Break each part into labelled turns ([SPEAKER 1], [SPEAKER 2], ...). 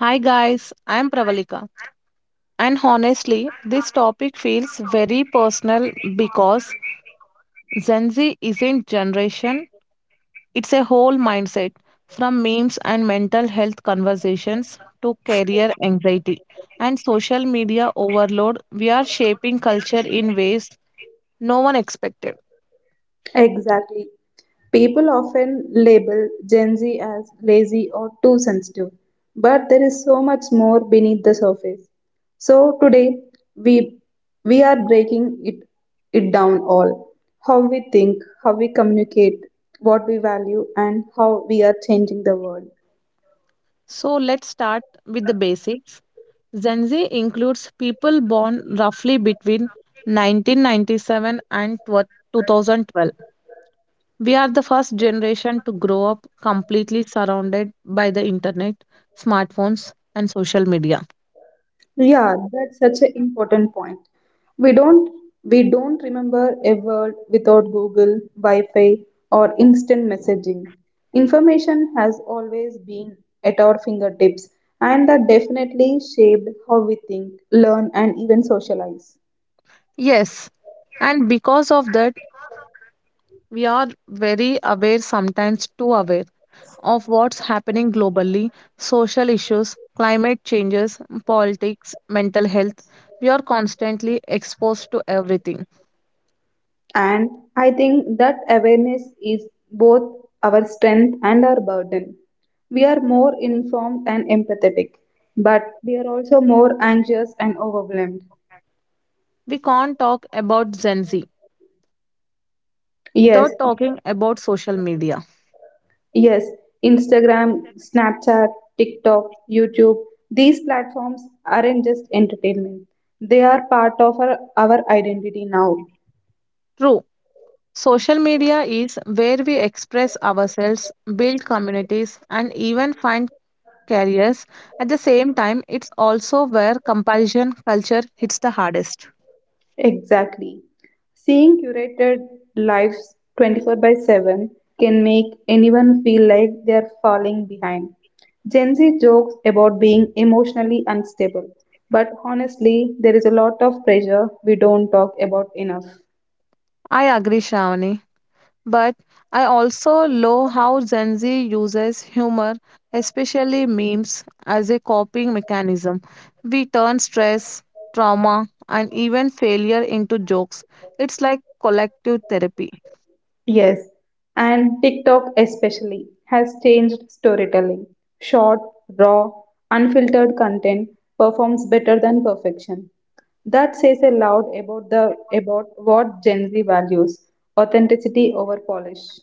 [SPEAKER 1] Hi guys, I'm Pravalika. And honestly, this topic feels very personal because Gen Z isn't generation, it's a whole mindset from memes and mental health conversations to career anxiety and social media overload. We are shaping culture in ways no one expected.
[SPEAKER 2] Exactly. People often label Gen Z as lazy or too sensitive, but there is so much more beneath the surface. So today we we are breaking it down all. How we think, how we communicate, what we value and how we are changing the world.
[SPEAKER 1] So let's start with the basics. Gen Z includes people born roughly between 1997 and 2012. We are the first generation to grow up completely surrounded by the internet, smartphones, and social media.
[SPEAKER 2] Yeah, that's such an important point. We don't we don't remember a word without Google, Wi-Fi, or instant messaging. Information has always been at our fingertips, and that definitely shaped how we think, learn, and even socialize.
[SPEAKER 1] Yes, and because of that, we are very aware, sometimes too aware, of what's happening globally, social issues, climate changes, politics, mental health. We are constantly exposed to everything.
[SPEAKER 2] And I think that awareness is both our strength and our burden. We are more informed and empathetic, but we are also more anxious and overwhelmed.
[SPEAKER 1] We can't talk about Gen Z
[SPEAKER 2] Yes,
[SPEAKER 1] without talking about social media.
[SPEAKER 2] yes, Instagram, Snapchat, TikTok, YouTube, these platforms aren't just entertainment. They are part of our identity now.
[SPEAKER 1] True, social media is where we express ourselves, build communities, and even find careers. At the same time, it's also where comparison culture hits the hardest.
[SPEAKER 2] Exactly. Seeing curated lives 24/7 can make anyone feel like they are falling behind. Gen Z jokes about being emotionally unstable, but honestly, there is a lot of pressure we don't talk about enough.
[SPEAKER 1] I agree, Shravani. But I also love how Gen Z uses humor, especially memes, as a coping mechanism. We turn stress, trauma, and even failure into jokes. It's like collective therapy.
[SPEAKER 2] Yes, and TikTok especially has changed storytelling. Short, raw, unfiltered content performs better than perfection. That says a lot about the about what Gen Z values, authenticity over polish.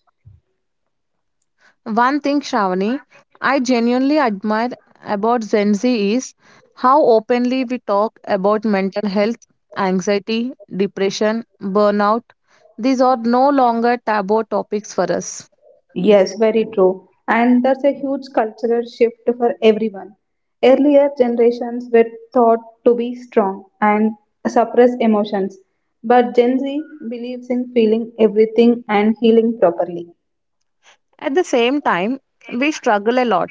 [SPEAKER 1] One thing, Shravani, I genuinely admire about Gen Z is how openly we talk about mental health, anxiety, depression, burnout. These are no longer taboo topics for us.
[SPEAKER 2] Yes, very true. And that's a huge cultural shift for everyone. Earlier generations were taught to be strong and suppress emotions, but Gen Z believes in feeling everything and healing properly.
[SPEAKER 1] At the same time, we struggle a lot.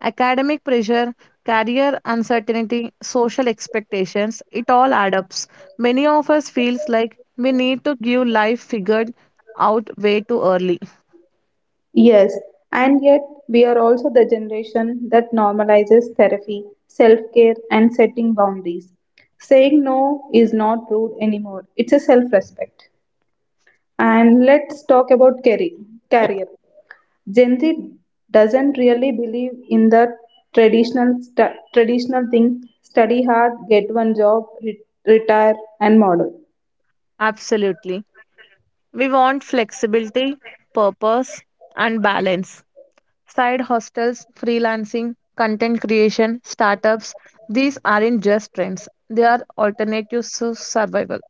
[SPEAKER 1] Academic pressure, career uncertainty, social expectations, it all adds up. Many of us feels like we need to give life figured out way too early.
[SPEAKER 2] Yes, and yet we are also the generation that normalizes therapy, self care, and setting boundaries. Saying no is not rude anymore, it's a self respect. And let's talk about career. Gen Z doesn't really believe in the traditional thing: study hard, get one job, retire, and model.
[SPEAKER 1] Absolutely. We want flexibility, purpose, and balance. Side hostels, freelancing, content creation, startups, these aren't just trends. They are alternatives to survival.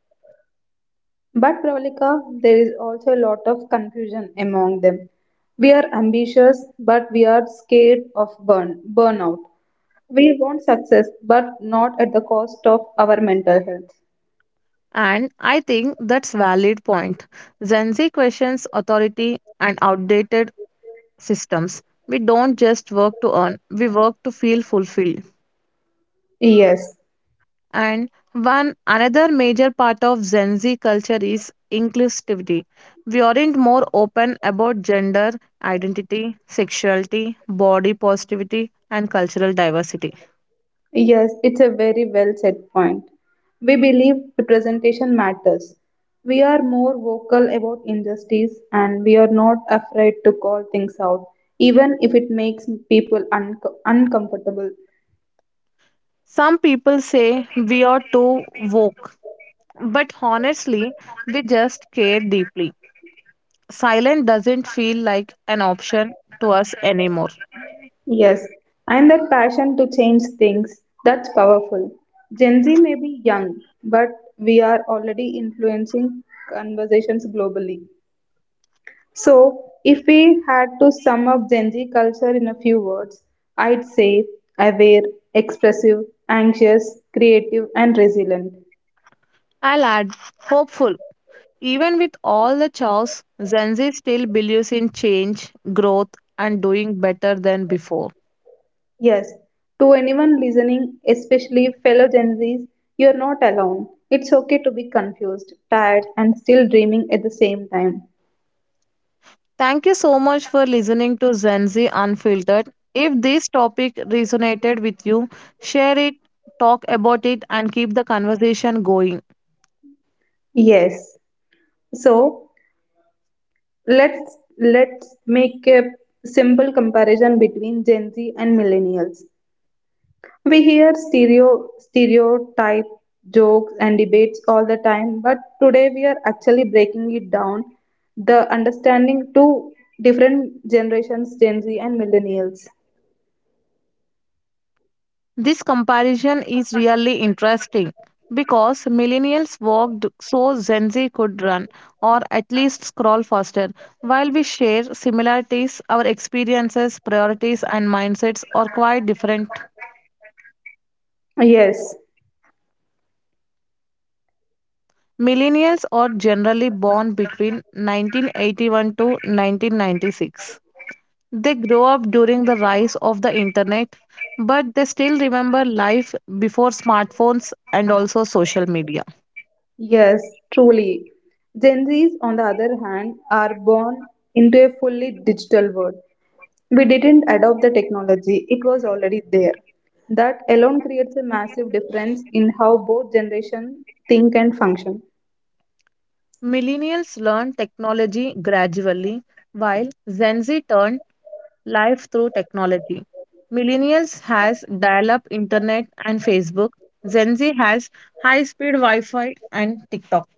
[SPEAKER 2] But Pravalika, there is also a lot of confusion among them. We are ambitious, but we are scared of burnout. We want success, but not at the cost of our mental health.
[SPEAKER 1] And I think that's valid point. Gen Z questions authority and outdated systems. We don't just work to earn, we work to feel fulfilled.
[SPEAKER 2] Yes.
[SPEAKER 1] And one another major part of Gen Z culture is inclusivity. We aren't more open about gender identity, sexuality, body positivity, and cultural diversity.
[SPEAKER 2] Yes, it's a very well said point. We believe representation matters. We are more vocal about injustice and we are not afraid to call things out, even if it makes people uncomfortable.
[SPEAKER 1] Some people say we are too woke, but honestly, we just care deeply. Silence doesn't feel like an option to us anymore.
[SPEAKER 2] Yes, and that passion to change things, that's powerful. Gen Z may be young, but we are already influencing conversations globally. So, if we had to sum up Gen Z culture in a few words, I'd say aware, expressive, anxious, creative, and resilient.
[SPEAKER 1] I'll add hopeful. Even with all the chaos, Gen Z still believes in change, growth, and doing better than before.
[SPEAKER 2] Yes, to anyone listening, especially fellow Gen Zs, you're not alone. It's okay to be confused, tired, and still dreaming at the same time.
[SPEAKER 1] Thank you so much for listening to Gen Z Unfiltered. If this topic resonated with you, share it, talk about it, and keep the conversation going.
[SPEAKER 2] Yes. So let's make a simple comparison between Gen Z and millennials. We hear stereotype jokes and debates all the time, but today we are actually breaking it down, the understanding to different generations, Gen Z and millennials.
[SPEAKER 1] This comparison is really interesting because millennials walked so Gen Z could run or at least scroll faster. While we share similarities, our experiences, priorities, and mindsets are quite different.
[SPEAKER 2] Yes,
[SPEAKER 1] Millennials are generally born between 1981 to 1996. They grow up during the rise of the internet, but they still remember life before smartphones and also social media.
[SPEAKER 2] yes, truly. Gen Zs, on the other hand, are born into a fully digital world. We didn't adopt the technology, it was already there. That alone creates a massive difference in how both generations think and function.
[SPEAKER 1] Millennials learn technology gradually, while Gen Z turn life through technology. Millennials has dial-up internet and Facebook. Gen Z has high-speed Wi-Fi and TikTok.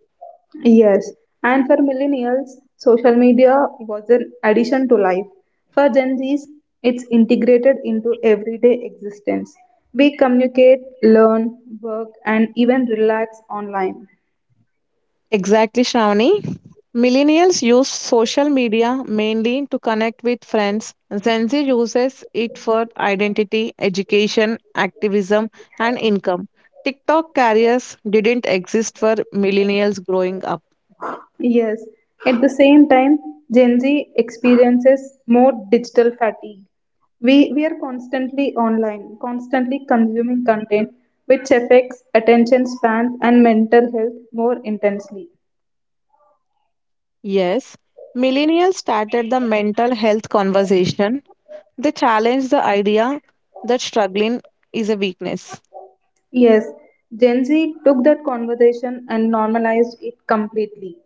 [SPEAKER 2] Yes, and for millennials, social media was an addition to life. For Gen Zs, it's integrated into everyday existence. We communicate, learn, work, and even relax online.
[SPEAKER 1] Exactly, Shravani. Millennials use social media mainly to connect with friends. Gen Z uses it for identity, education, activism, and income. TikTok carriers didn't exist for millennials growing up.
[SPEAKER 2] Yes, at the same time, Gen Z experiences more digital fatigue. We are constantly online, constantly consuming content, which affects attention spans and mental health more intensely.
[SPEAKER 1] Yes, millennials started the mental health conversation. They challenged the idea that struggling is a weakness.
[SPEAKER 2] Yes, Gen Z took that conversation and normalized it completely.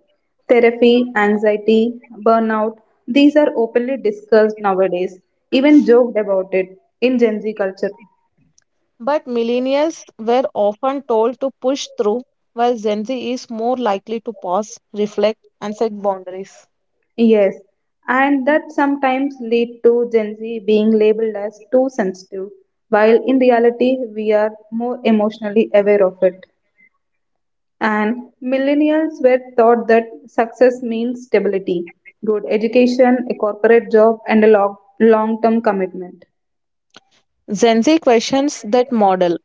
[SPEAKER 2] Therapy, anxiety, burnout, these are openly discussed nowadays, even joked about it in Gen Z culture.
[SPEAKER 1] But millennials were often told to push through, while Gen Z is more likely to pause, reflect, and set boundaries.
[SPEAKER 2] Yes, and that sometimes lead to Gen Z being labeled as too sensitive, while in reality we are more emotionally aware of it. And millennials were taught that success means stability, good education, a corporate job, and a long term commitment.
[SPEAKER 1] Gen Z questions that model.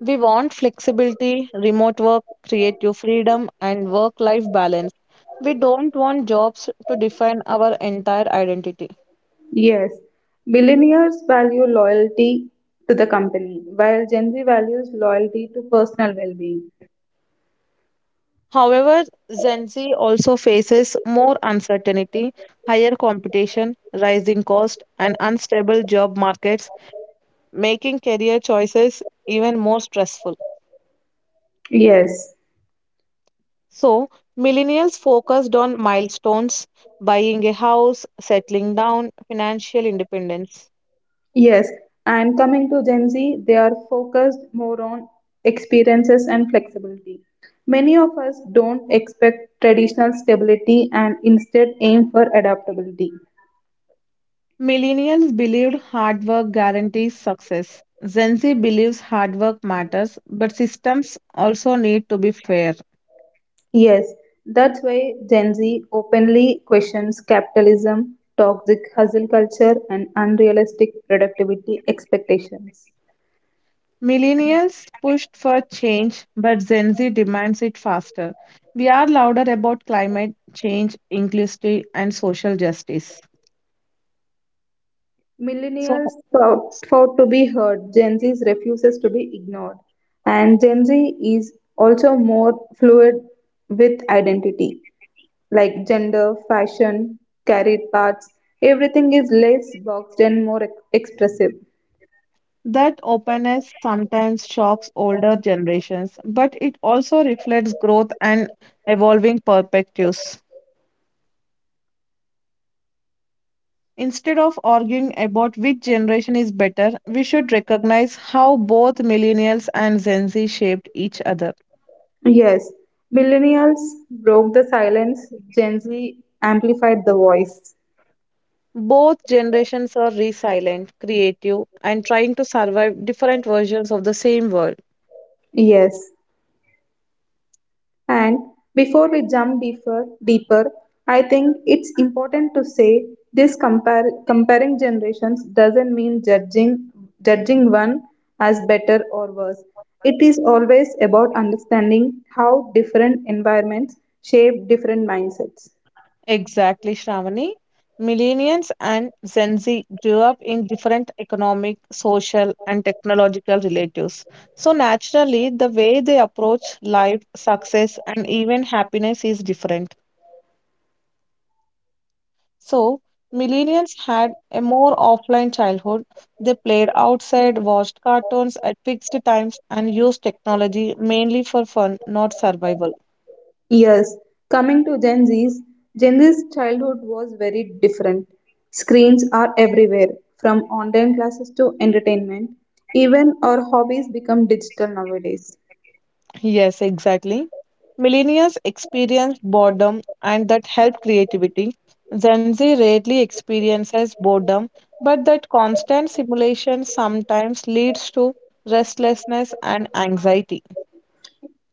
[SPEAKER 1] We want flexibility, remote work, creative freedom, and work life balance. We don't want jobs to define our entire identity.
[SPEAKER 2] Yes, millennials value loyalty to the company, while Gen Z values loyalty to personal well being.
[SPEAKER 1] However, Gen Z also faces more uncertainty, higher competition, rising cost, and unstable job markets, making career choices even more stressful.
[SPEAKER 2] Yes,
[SPEAKER 1] So, millennials focused on milestones, buying a house, settling down, financial independence.
[SPEAKER 2] yes. And coming to Gen Z, they are focused more on experiences and flexibility. Many of us don't expect traditional stability and instead aim for adaptability.
[SPEAKER 1] Millennials believed hard work guarantees success. Gen Z believes hard work matters, but systems also need to be fair.
[SPEAKER 2] Yes, that's why Gen Z openly questions capitalism, toxic hustle culture, and unrealistic productivity expectations.
[SPEAKER 1] Millennials pushed for change, but Gen Z demands it faster. We are louder about climate change, inclusivity, and social justice. So,
[SPEAKER 2] Millennials fought to be heard, Gen Z refuses to be ignored, and Gen Z is also more fluid with identity, like gender, fashion, career paths. Everything is less boxed and more expressive.
[SPEAKER 1] that openness sometimes shocks older generations, but it also reflects growth and evolving perspectives. Instead of arguing about which generation is better, we should recognize how both millennials and Gen Z shaped each other.
[SPEAKER 2] Yes, millennials broke the silence, Gen Z amplified the voice.
[SPEAKER 1] Both generations are resilient, creative, and trying to survive different versions of the same world.
[SPEAKER 2] Yes, and before we jump deeper, I think it's important to say this comparing generations doesn't mean judging one as better or worse. It is always about understanding how different environments shape different mindsets.
[SPEAKER 1] Exactly, Shravani. Millennials and Gen Z grew up in different economic, social, and technological relatives. So, naturally, the way they approach life, success, and even happiness is different. So, millennials had a more offline childhood. They played outside, watched cartoons at fixed times, and used technology mainly for fun, not survival.
[SPEAKER 2] Yes, coming to Gen Z's childhood was very different. Screens are everywhere, from online classes to entertainment. Even our hobbies become digital nowadays.
[SPEAKER 1] Yes, exactly. Millennials experience boredom and that helped creativity. Gen Z rarely experiences boredom, but that constant simulation sometimes leads to restlessness and anxiety.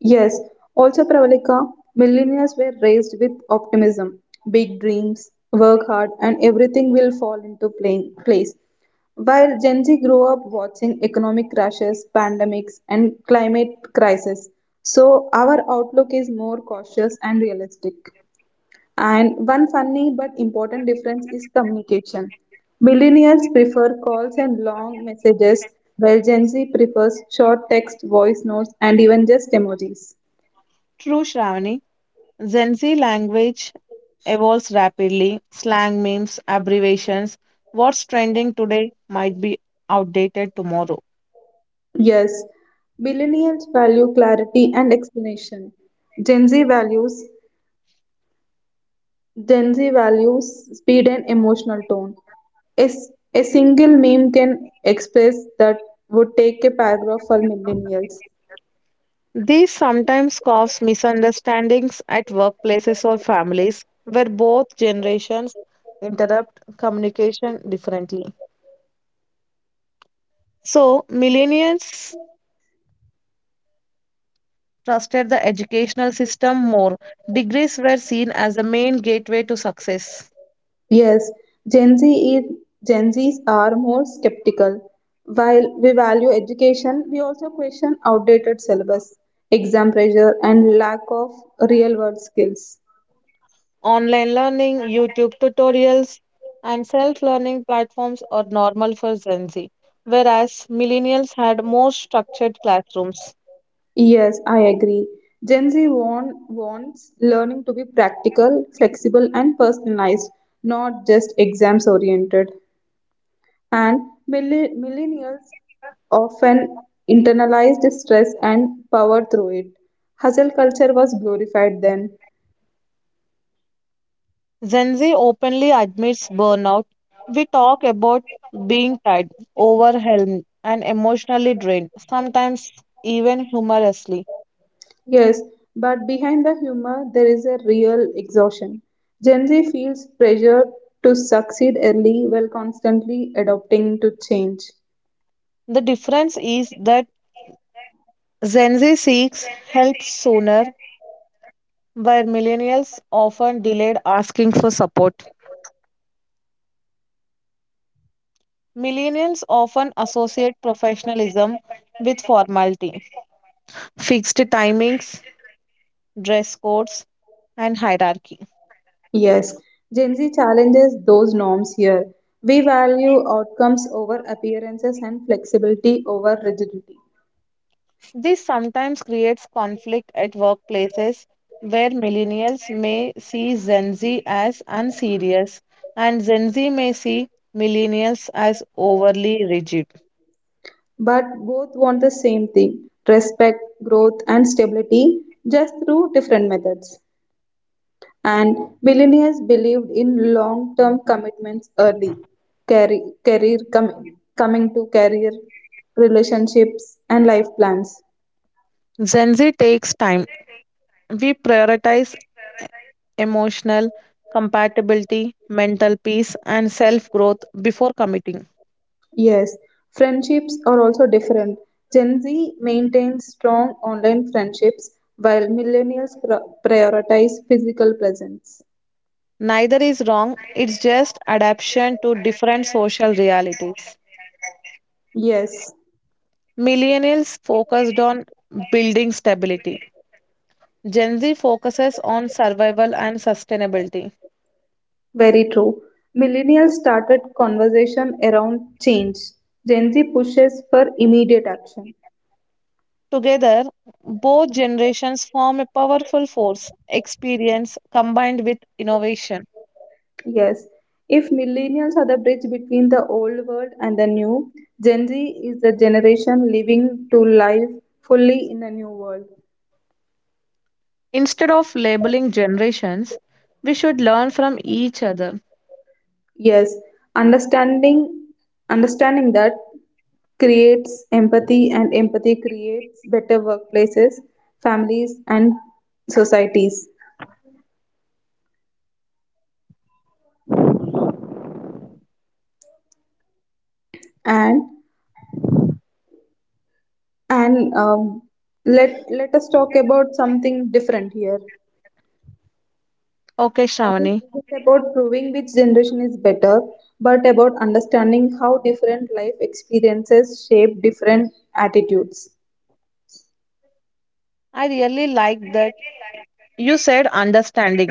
[SPEAKER 2] Yes, also Pravalika, millennials were raised with optimism, big dreams, work hard, and everything will fall into place. While Gen Z grew up watching economic crashes, pandemics, and climate crisis, so our outlook is more cautious and realistic. And one funny but important difference is communication. Millennials prefer calls and long messages, while Gen Z prefers short text, voice notes, and even just emojis.
[SPEAKER 1] True, Shravani. Gen Z language evolves rapidly. Slang memes, abbreviations, what's trending today might be outdated tomorrow.
[SPEAKER 2] Yes, millennials value clarity and explanation. Gen Z values Gen Z values speed and emotional tone. A single meme can express that would take a paragraph for millennials.
[SPEAKER 1] These sometimes cause misunderstandings at workplaces or families where both generations interrupt communication differently. So, millennials trusted the educational system more. Degrees were seen as the main gateway to success.
[SPEAKER 2] Yes, Gen Z is Gen Zs are more skeptical. While we value education, we also question outdated syllabus, exam pressure, and lack of real world skills.
[SPEAKER 1] Online learning, YouTube tutorials, and self learning platforms are normal for Gen Z, whereas millennials had more structured classrooms.
[SPEAKER 2] Yes, I agree. Gen Z wants learning to be practical, flexible, and personalized, not just exams oriented. And millennials often internalized stress and power through it. Hustle culture was glorified then.
[SPEAKER 1] Gen Z openly admits burnout. We talk about being tired, overwhelmed, and emotionally drained, sometimes even humorously.
[SPEAKER 2] Yes, but behind the humor, there is a real exhaustion. Gen Z feels pressure to succeed early while constantly adapting to change.
[SPEAKER 1] The difference is that Gen Z seeks help sooner, while millennials often delayed asking for support. Millennials often associate professionalism with formality, fixed timings, dress codes, and hierarchy.
[SPEAKER 2] Yes, Gen Z challenges those norms here. We value outcomes over appearances and flexibility over rigidity.
[SPEAKER 1] This sometimes creates conflict at workplaces where millennials may see Gen Z as unserious and Gen Z may see millennials as overly rigid.
[SPEAKER 2] But both want the same thing respect, growth, and stability just through different methods. And millennials believed in long term commitments early coming to career, relationships, and life plans.
[SPEAKER 1] Gen Z takes time. We prioritize emotional compatibility, mental peace, and self growth before committing.
[SPEAKER 2] Yes, friendships are also different. Gen Z maintains strong online friendships while millennials prioritize physical presence.
[SPEAKER 1] Neither is wrong, it's just adaptation to different social realities.
[SPEAKER 2] Yes,
[SPEAKER 1] Millennials focused on building stability. Gen Z focuses on survival and sustainability.
[SPEAKER 2] very true. Millennials started conversation around change. Gen Z pushes for immediate action.
[SPEAKER 1] Together, both generations form a powerful force, experience combined with innovation.
[SPEAKER 2] Yes, if millennials are the bridge between the old world and the new, Gen Z is the generation living to life fully in the new world.
[SPEAKER 1] Instead of labeling generations, we should learn from each other.
[SPEAKER 2] Yes, understanding understanding that creates empathy and empathy creates better workplaces, families and societies. And and um, let us talk about something different here.
[SPEAKER 1] Okay,
[SPEAKER 2] It
[SPEAKER 1] Shravani,
[SPEAKER 2] isn't about proving which generation is better, but about understanding how different life experiences shape different attitudes.
[SPEAKER 1] I really like that you said understanding.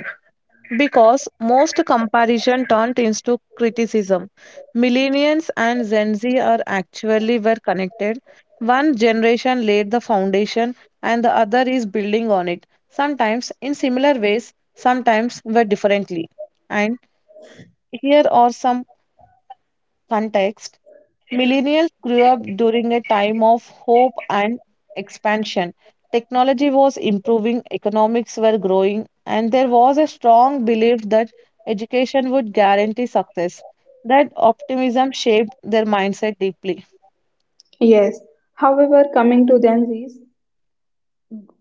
[SPEAKER 1] Because most comparison turned into criticism. Millennials and Gen Z are actually were connected. One generation laid the foundation and the other is building on it, sometimes in similar ways, sometimes very differently. And here are some context. Millennials grew up during a time of hope and expansion. Technology was improving, economics were growing, and there was a strong belief that education would guarantee success. That optimism shaped their mindset deeply.
[SPEAKER 2] Yes. However, coming to Gen Zs,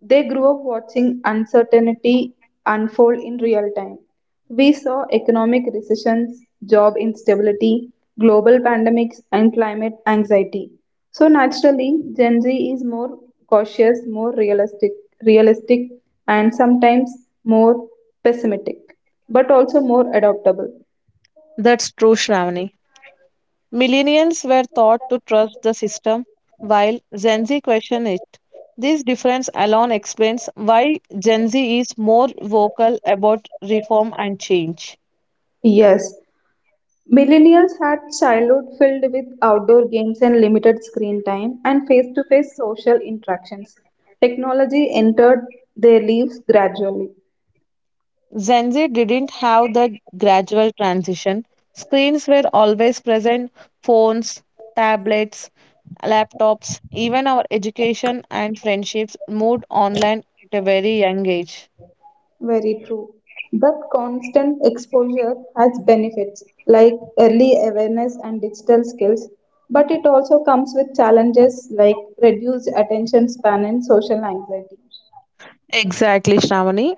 [SPEAKER 2] they grew up watching uncertainty unfold in real time. We saw economic recessions, job instability, global pandemics, and climate anxiety. So naturally, Gen Z is more cautious, more realistic, and sometimes more pessimistic, but also more adaptable.
[SPEAKER 1] That's true, Shravani. Millennials were taught to trust the system, while Gen Z questioned it. This difference alone explains why Gen Z is more vocal about reform and change.
[SPEAKER 2] Yes, millennials had childhood filled with outdoor games and limited screen time and face to face social interactions. Technology entered their lives gradually.
[SPEAKER 1] Gen Z didn't have the gradual transition. Screens were always present phones, tablets, laptops, even our education and friendships moved online at a very young age.
[SPEAKER 2] Very true. But constant exposure has benefits like early awareness and digital skills, but it also comes with challenges like reduced attention span and social anxiety.
[SPEAKER 1] Exactly, Shravani.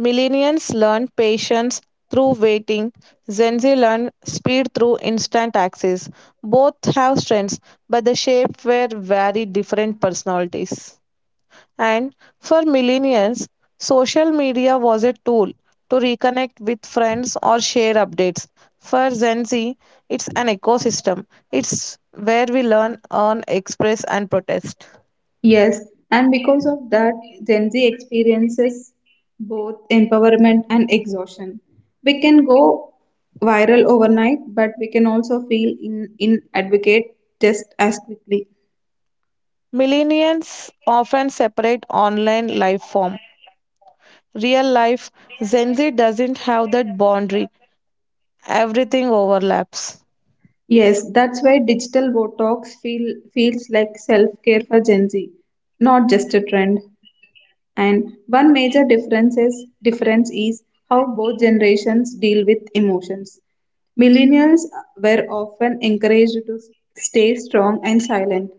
[SPEAKER 1] Millennials learn patience through waiting. Gen Z learn speed through instant access. Both have strengths, but the shape were very different personalities. And for millennials, social media was a tool to reconnect with friends or share updates. For Gen Z, it's an ecosystem. It's where we learn, earn, express, and protest.
[SPEAKER 2] Yes, and because of that, Gen Z experiences both empowerment and exhaustion. We can go viral overnight, but we can also feel in advocate just as quickly.
[SPEAKER 1] Millennials often separate online life from real life. Gen Z doesn't have that boundary, everything overlaps.
[SPEAKER 2] Yes, that's why digital Botox feels like self care for Gen Z, not just a trend. And one major difference is how both generations deal with emotions. Millennials were often encouraged to stay strong and silent.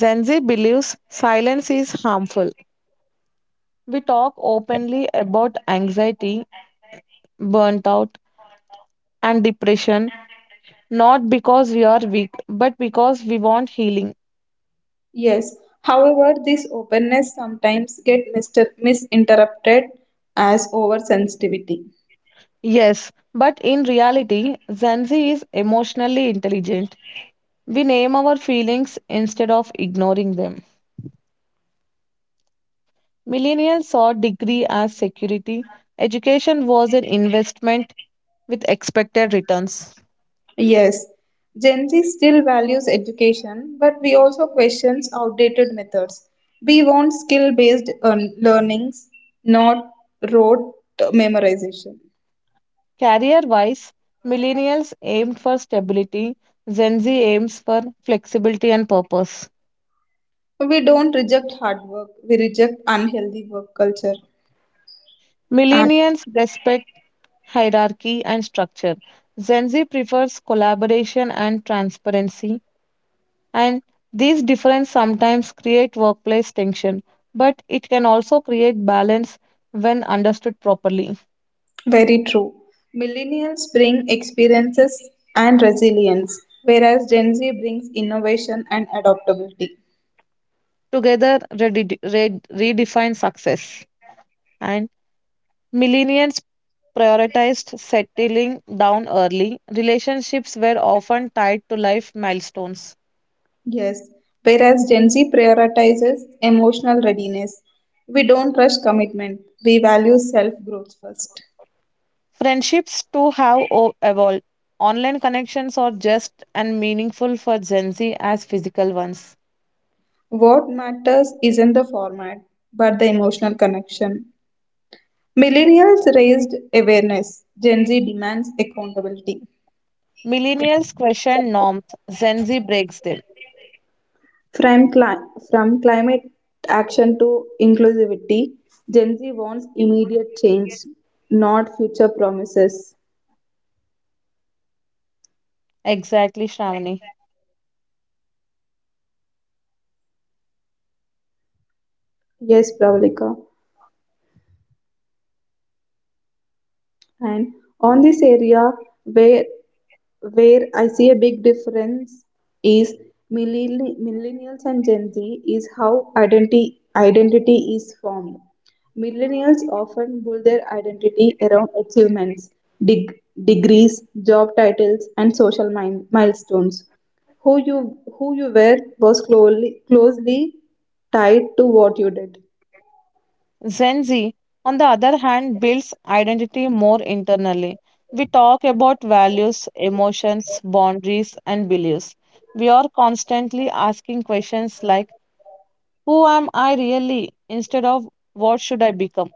[SPEAKER 1] Gen Z believes silence is harmful. We talk openly about anxiety, burnt out, and depression, not because we are weak, but because we want healing.
[SPEAKER 2] Yes, however, this openness sometimes get misinterpreted as oversensitivity.
[SPEAKER 1] Yes, but in reality, Gen Z is emotionally intelligent. We name our feelings instead of ignoring them. Millennials saw degree as security. Education was an investment with expected returns.
[SPEAKER 2] Yes, Gen Z still values education, but we also questions outdated methods. We want skill-based learnings, not rote memorization.
[SPEAKER 1] Career wise, millennials aimed for stability, Gen Z aims for flexibility and purpose.
[SPEAKER 2] We don't reject hard work, we reject unhealthy work culture. And
[SPEAKER 1] Millennials respect hierarchy and structure. Gen Z prefers collaboration and transparency, and these differences sometimes create workplace tension, but it can also create balance when understood properly.
[SPEAKER 2] very true. Millennials bring experiences and resilience, whereas Gen Z brings innovation and adaptability.
[SPEAKER 1] Together, redefine success. And millennials prioritized settling down early. Relationships were often tied to life milestones.
[SPEAKER 2] Yes, whereas Gen Z prioritizes emotional readiness. We don't rush commitment, we value self growth first.
[SPEAKER 1] Friendships too have evolved. Online connections are just and meaningful for Gen Z as physical ones.
[SPEAKER 2] What matters isn't the format, but the emotional connection. Millennials raised awareness, Gen Z demands accountability.
[SPEAKER 1] Millennials question norms, Gen Z breaks them.
[SPEAKER 2] From, cli- from climate action to inclusivity, Gen Z wants immediate change, not future promises.
[SPEAKER 1] Exactly, Shravani.
[SPEAKER 2] Yes, Pravalika. And on this area where where I see a big difference is millennials and Gen Z is how identity is formed. Millennials often build their identity around achievements, dig degrees, job titles, and social milestones. Who you were was closely tied to what you did.
[SPEAKER 1] Gen Z, on the other hand, builds identity more internally. We talk about values, emotions, boundaries, and beliefs. We are constantly asking questions like, "Who am I really?" instead of "What should I become?"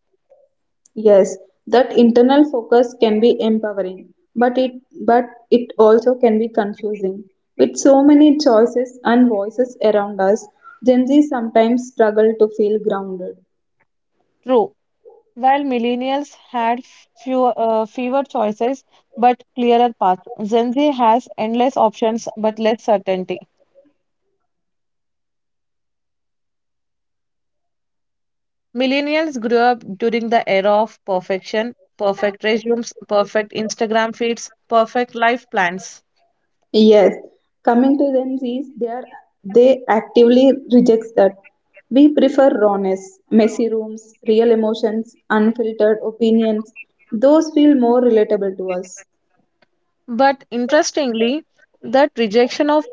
[SPEAKER 2] Yes, that internal focus can be empowering, but it but it also can be confusing. With so many choices and voices around us, Gen Z sometimes struggle to feel grounded.
[SPEAKER 1] True. While millennials had fewer choices but clearer paths, Gen Z has endless options but less certainty. Millennials grew up during the era of perfection, perfect resumes, perfect Instagram feeds, perfect life plans.
[SPEAKER 2] Yes, coming to Gen Zs, they actively rejects that. We prefer rawness, messy rooms, real emotions, unfiltered opinions. Those feel more relatable to us.
[SPEAKER 1] But interestingly, that rejection of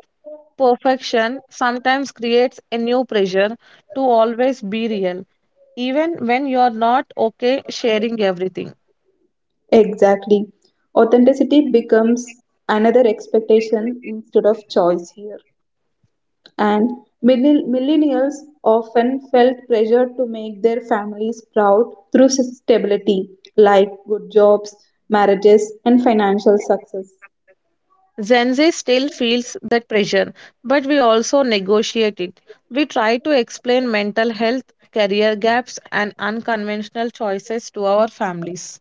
[SPEAKER 1] perfection sometimes creates a new pressure to always be real, even when you're not okay sharing everything.
[SPEAKER 2] Exactly. Authenticity becomes another expectation instead of choice here. And millennials often felt pressure to make their families proud through stability, like good jobs, marriages, and financial success.
[SPEAKER 1] Gen Z still feels that pressure, but we also negotiate it. We try to explain mental health, career gaps, and unconventional choices to our families.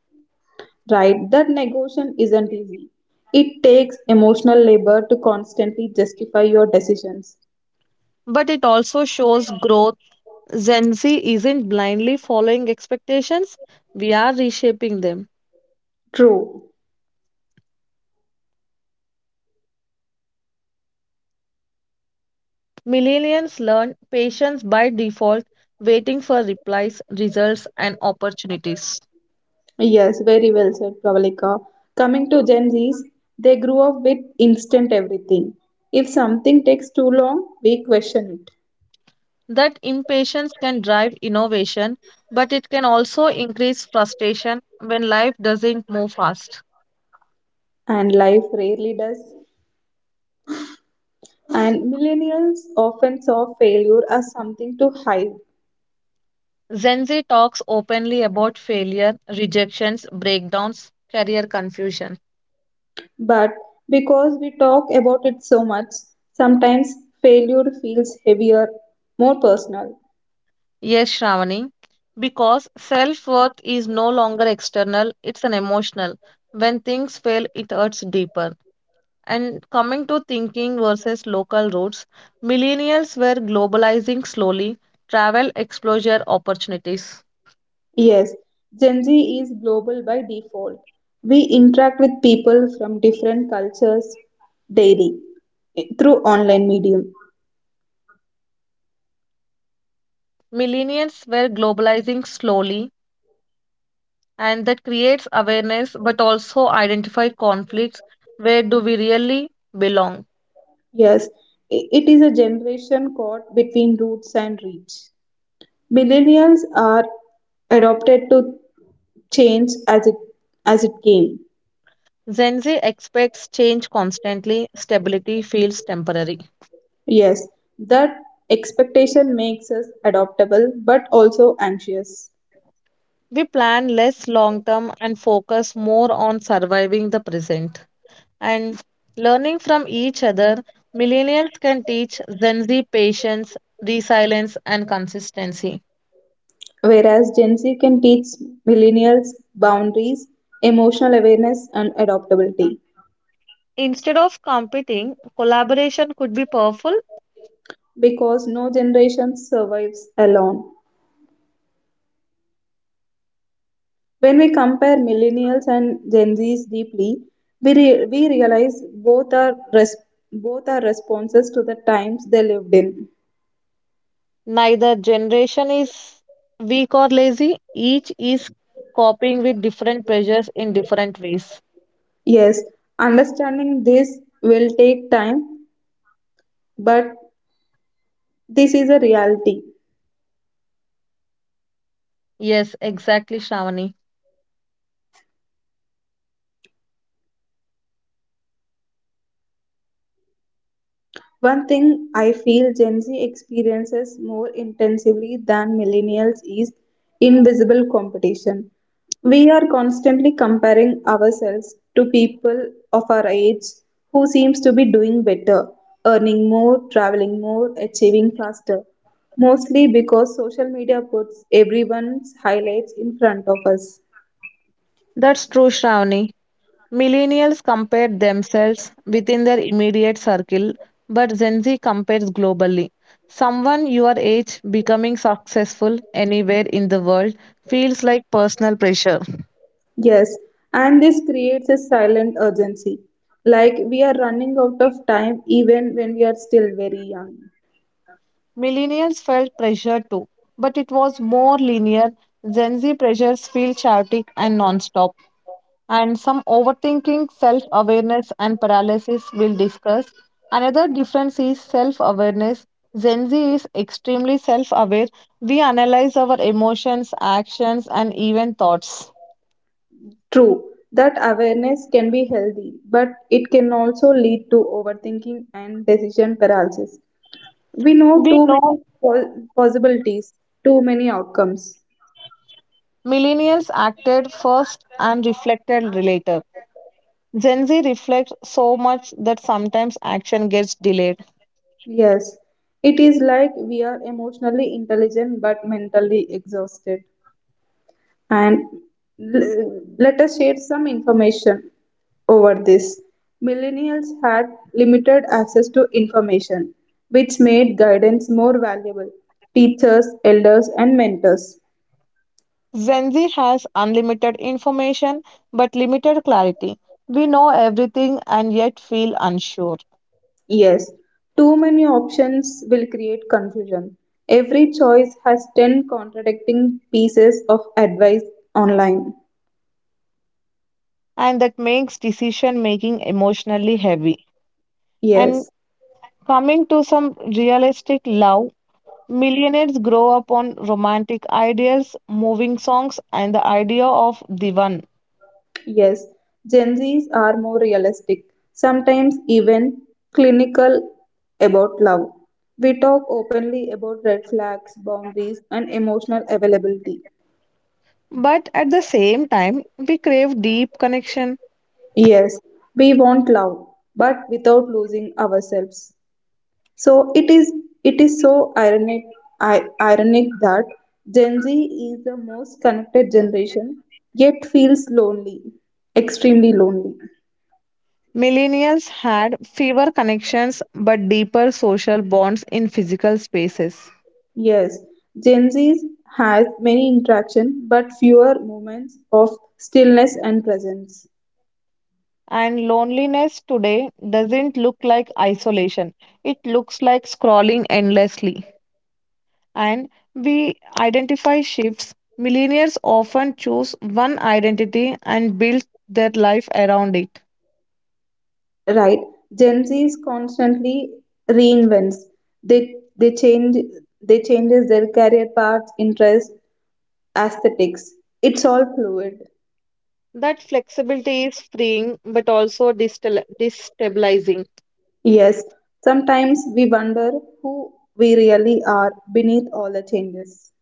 [SPEAKER 2] Right? That negotiation isn't easy. It takes emotional labor to constantly justify your decisions.
[SPEAKER 1] But it also shows growth. Gen Z isn't blindly following expectations, we are reshaping them.
[SPEAKER 2] True.
[SPEAKER 1] Millennials learn patience by default, waiting for replies, results, and opportunities.
[SPEAKER 2] Yes, very well said, Pravalika. Coming to Gen Zs, they grew up with instant everything. If something takes too long, we question it.
[SPEAKER 1] That impatience can drive innovation, but it can also increase frustration when life doesn't move fast.
[SPEAKER 2] And life rarely does. And millennials often saw failure as something to hide.
[SPEAKER 1] Gen Z talks openly about failure, rejections, breakdowns, career confusion.
[SPEAKER 2] But because we talk about it so much, sometimes failure feels heavier, more personal.
[SPEAKER 1] Yes, Shravani, because self worth is no longer external, it's an emotional. When things fail, it hurts deeper. And coming to thinking versus local roots, millennials were globalizing slowly, travel, exposure, opportunities.
[SPEAKER 2] Yes, Gen Z is global by default. We interact with people from different cultures daily through online medium.
[SPEAKER 1] Millennials were globalizing slowly, and that creates awareness but also identify conflicts. Where do we really belong?
[SPEAKER 2] Yes, it is a generation caught between roots and reach. Millennials are adopted to change as it came.
[SPEAKER 1] Gen Z expects change constantly, stability feels temporary.
[SPEAKER 2] Yes, that expectation makes us adaptable but also anxious.
[SPEAKER 1] We plan less long term and focus more on surviving the present. And learning from each other, millennials can teach Gen Z patience, resilience, and consistency.
[SPEAKER 2] Whereas Gen Z can teach millennials boundaries, emotional awareness, and adaptability
[SPEAKER 1] Instead of competing, collaboration could be powerful.
[SPEAKER 2] because no generation survives alone. When we compare millennials and Gen Zs deeply, we realize both are responses to the times they lived in.
[SPEAKER 1] Neither generation is weak or lazy, each is coping with different pressures in different ways.
[SPEAKER 2] Yes, understanding this will take time, but this is a reality.
[SPEAKER 1] Yes, exactly, Shravani.
[SPEAKER 2] One thing I feel Gen Z experiences more intensively than millennials is invisible competition. We are constantly comparing ourselves to people of our age who seems to be doing better, earning more, traveling more, achieving faster. Mostly because social media puts everyone's highlights in front of us.
[SPEAKER 1] That's true, Shravani. Millennials compare themselves within their immediate circle, but Gen Z compares globally. Someone your age becoming successful anywhere in the world feels like personal pressure.
[SPEAKER 2] Yes, and this creates a silent urgency. Like we are running out of time even when we are still very young.
[SPEAKER 1] Millennials felt pressure too, but it was more linear. Gen Z pressures feel chaotic and nonstop. And some overthinking, self awareness, and paralysis we'll discuss. Another difference is self awareness. Gen Z is extremely self aware. We analyze our emotions, actions, and even thoughts.
[SPEAKER 2] True, that awareness can be healthy, but it can also lead to overthinking and decision paralysis. We know
[SPEAKER 1] We
[SPEAKER 2] too
[SPEAKER 1] know
[SPEAKER 2] many possibilities, too many outcomes.
[SPEAKER 1] millennials acted first and reflected later. Gen Z reflects so much that sometimes action gets delayed.
[SPEAKER 2] Yes, it is like we are emotionally intelligent but mentally exhausted. And let us share some information over this. Millennials had limited access to information, which made guidance more valuable. Teachers, elders, and mentors.
[SPEAKER 1] Gen Z has unlimited information but limited clarity. We know everything and yet feel unsure.
[SPEAKER 2] Yes, too many options will create confusion. Every choice has 10 contradicting pieces of advice online.
[SPEAKER 1] And that makes decision making emotionally heavy. And
[SPEAKER 2] Yes.
[SPEAKER 1] coming to some realistic love, millionaires grow up on romantic ideas, moving songs, and the idea of the one.
[SPEAKER 2] Yes, Gen Zs are more realistic, sometimes even clinical about love. We talk openly about red flags, boundaries, and emotional availability.
[SPEAKER 1] But at the same time, we crave deep connection.
[SPEAKER 2] Yes, we want love, but without losing ourselves. So it is so ironic ironic that Gen Z is the most connected generation, yet feels lonely, extremely lonely.
[SPEAKER 1] Millennials had fewer connections but deeper social bonds in physical spaces.
[SPEAKER 2] Yes, Gen Z has many interaction but fewer moments of stillness and presence.
[SPEAKER 1] And loneliness today doesn't look like isolation, it looks like scrolling endlessly. And we identify shifts. Millennials often choose one identity and build their life around it.
[SPEAKER 2] Right? Gen Z is constantly reinvents. They they change they changes their career paths, interests, aesthetics. It's all fluid.
[SPEAKER 1] That flexibility is freeing but also destabilizing.
[SPEAKER 2] Yes, sometimes we wonder who we really are beneath all the changes.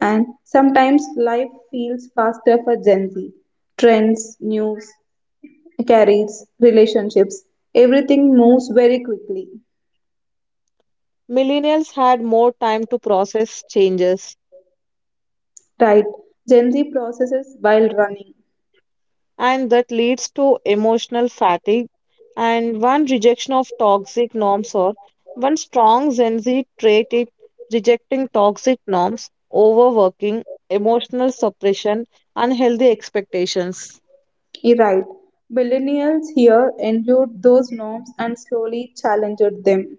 [SPEAKER 2] And sometimes life feels faster for Gen Z. Trends, news, carries, relationships, everything moves very quickly.
[SPEAKER 1] Millennials had more time to process changes.
[SPEAKER 2] Right. Gen Z processes while running.
[SPEAKER 1] And that leads to emotional fatigue. And one rejection of toxic norms or one strong Gen Z trait is rejecting toxic norms, overworking, emotional suppression, unhealthy expectations.
[SPEAKER 2] You're right. Millennials here endured those norms and slowly challenged them.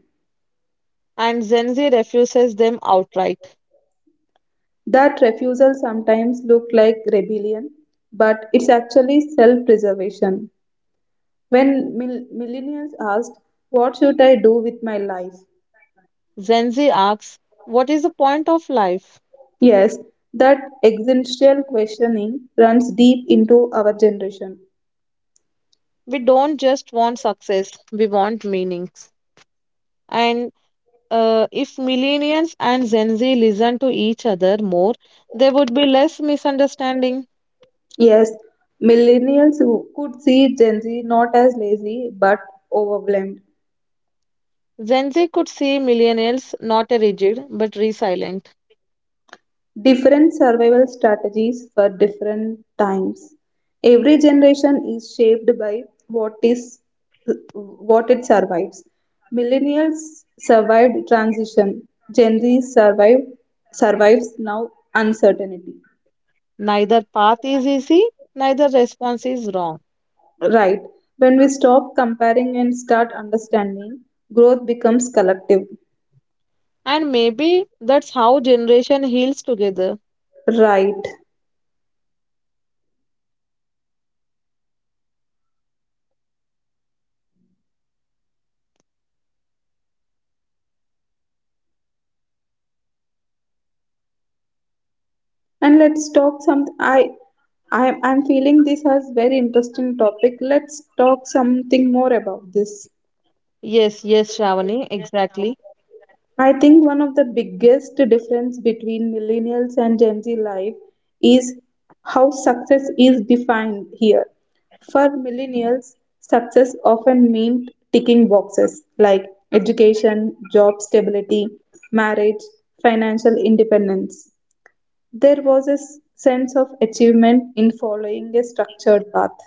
[SPEAKER 1] And Gen Z refuses them outright.
[SPEAKER 2] That refusal sometimes looked like rebellion, but it's actually self preservation. When millennials asked, what should I do with my life?
[SPEAKER 1] Gen Z asks, what is the point of life?
[SPEAKER 2] Yes, that existential questioning runs deep into our generation.
[SPEAKER 1] We don't just want success, we want meanings. And if millennials and Gen Z listen to each other more, there would be less misunderstanding.
[SPEAKER 2] Yes, millennials who could see Gen Z not as lazy but overwhelmed.
[SPEAKER 1] Gen Z could see millennials not a rigid but resilient.
[SPEAKER 2] Different survival strategies for different times. Every generation is shaped by what is what it survives. Millennials survived transition. Gen Z survived survives now uncertainty.
[SPEAKER 1] Neither path is easy, neither response is wrong.
[SPEAKER 2] Right. When we stop comparing and start understanding, growth becomes collective.
[SPEAKER 1] And maybe that's how generation heals together.
[SPEAKER 2] Right. And let's talk some I I'm feeling this as very interesting topic. Let's talk something more about this.
[SPEAKER 1] Yes, yes, Shravani, exactly.
[SPEAKER 2] I think one of the biggest difference between millennials and Gen Z life is how success is defined here. For millennials, success often meant ticking boxes like education, job stability, marriage, financial independence. There was a sense of achievement in following a structured path.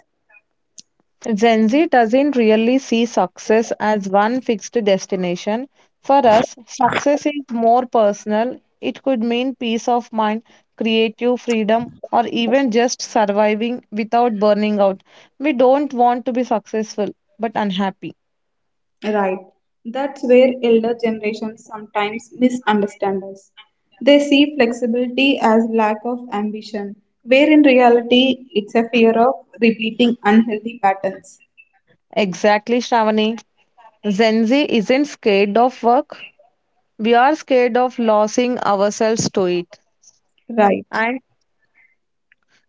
[SPEAKER 1] Gen Z doesn't really see success as one fixed destination. For us, success is more personal. It could mean peace of mind, creative freedom, or even just surviving without burning out. We don't want to be successful but unhappy.
[SPEAKER 2] Right. That's where elder generations sometimes misunderstand us. They see flexibility as lack of ambition, where in reality it's a fear of repeating unhealthy patterns.
[SPEAKER 1] Exactly, Shravani. Gen Z isn't scared of work. We are scared of losing ourselves to it.
[SPEAKER 2] Right.
[SPEAKER 1] And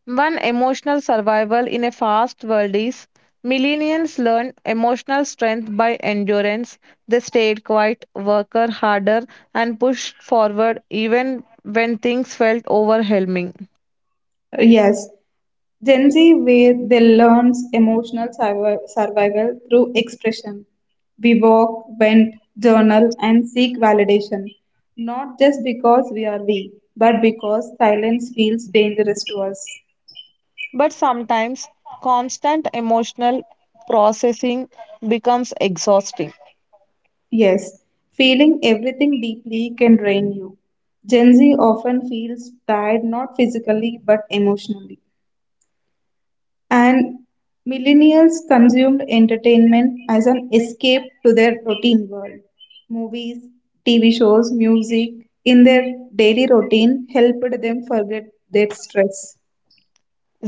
[SPEAKER 1] one emotional survival in a fast world is millennials learned emotional strength by endurance. They stayed quiet, worked harder, and pushed forward even when things felt overwhelming.
[SPEAKER 2] Yes. Gen Z, where they learns emotional survival through expression. We walk, vent, journal, and seek validation, not just because we are weak, but because silence feels dangerous to us.
[SPEAKER 1] But sometimes constant emotional processing becomes exhausting.
[SPEAKER 2] Yes, feeling everything deeply can drain you. Gen Z often feels tired not physically but emotionally. And millennials consumed entertainment as an escape to their routine world. Movies, TV shows, music in their daily routine helped them forget their stress.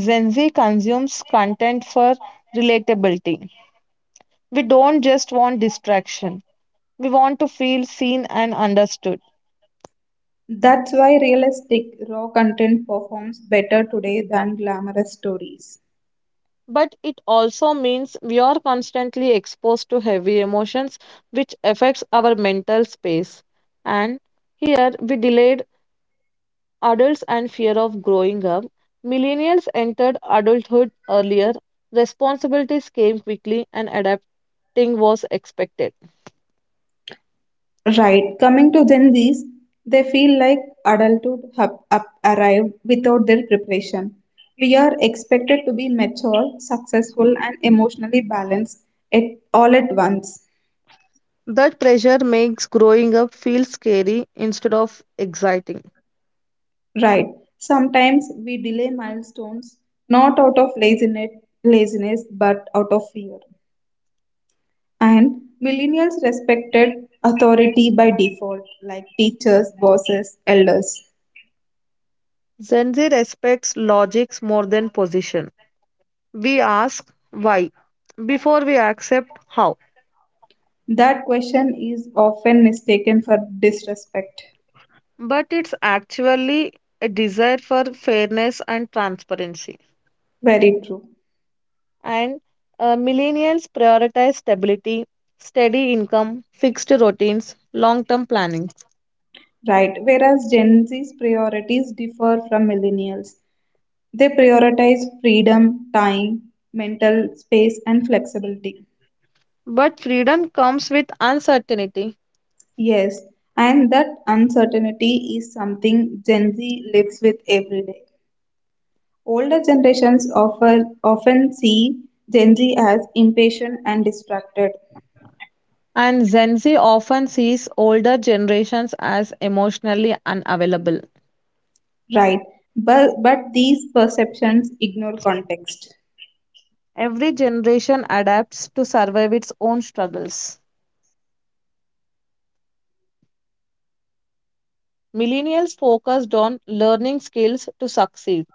[SPEAKER 1] Gen Z consumes content for relatability. We don't just want distraction, we want to feel seen and understood.
[SPEAKER 2] That's why realistic, raw content performs better today than glamorous stories.
[SPEAKER 1] But it also means we are constantly exposed to heavy emotions which affects our mental space. And here we delayed adults and fear of growing up. Millennials entered adulthood earlier, responsibilities came quickly and adapting was expected.
[SPEAKER 2] Right, coming to Gen Zs, they feel like adulthood have up arrived without their preparation. We are expected to be mature, successful, and emotionally balanced at all at once.
[SPEAKER 1] That pressure makes growing up feel scary instead of exciting.
[SPEAKER 2] Right, sometimes we delay milestones not out of laziness, laziness but out of fear. And millennials respected authority by default, like teachers, bosses, elders.
[SPEAKER 1] Gen Z respects logics more than position. We ask why before we accept how.
[SPEAKER 2] That question is often mistaken for disrespect.
[SPEAKER 1] But it's actually a desire for fairness and transparency.
[SPEAKER 2] Very true.
[SPEAKER 1] And millennials prioritize stability, steady income, fixed routines, long term planning.
[SPEAKER 2] Right. Whereas Gen Z's priorities differ from millennials, they prioritize freedom, time, mental space, and flexibility.
[SPEAKER 1] But freedom comes with uncertainty.
[SPEAKER 2] Yes, and that uncertainty is something Gen Z lives with every day. Older generations offer, often see Gen Z as impatient and distracted.
[SPEAKER 1] And Gen Z often sees older generations as emotionally unavailable.
[SPEAKER 2] Right. But these perceptions ignore context.
[SPEAKER 1] Every generation adapts to survive its own struggles. Millennials focused on learning skills to succeed.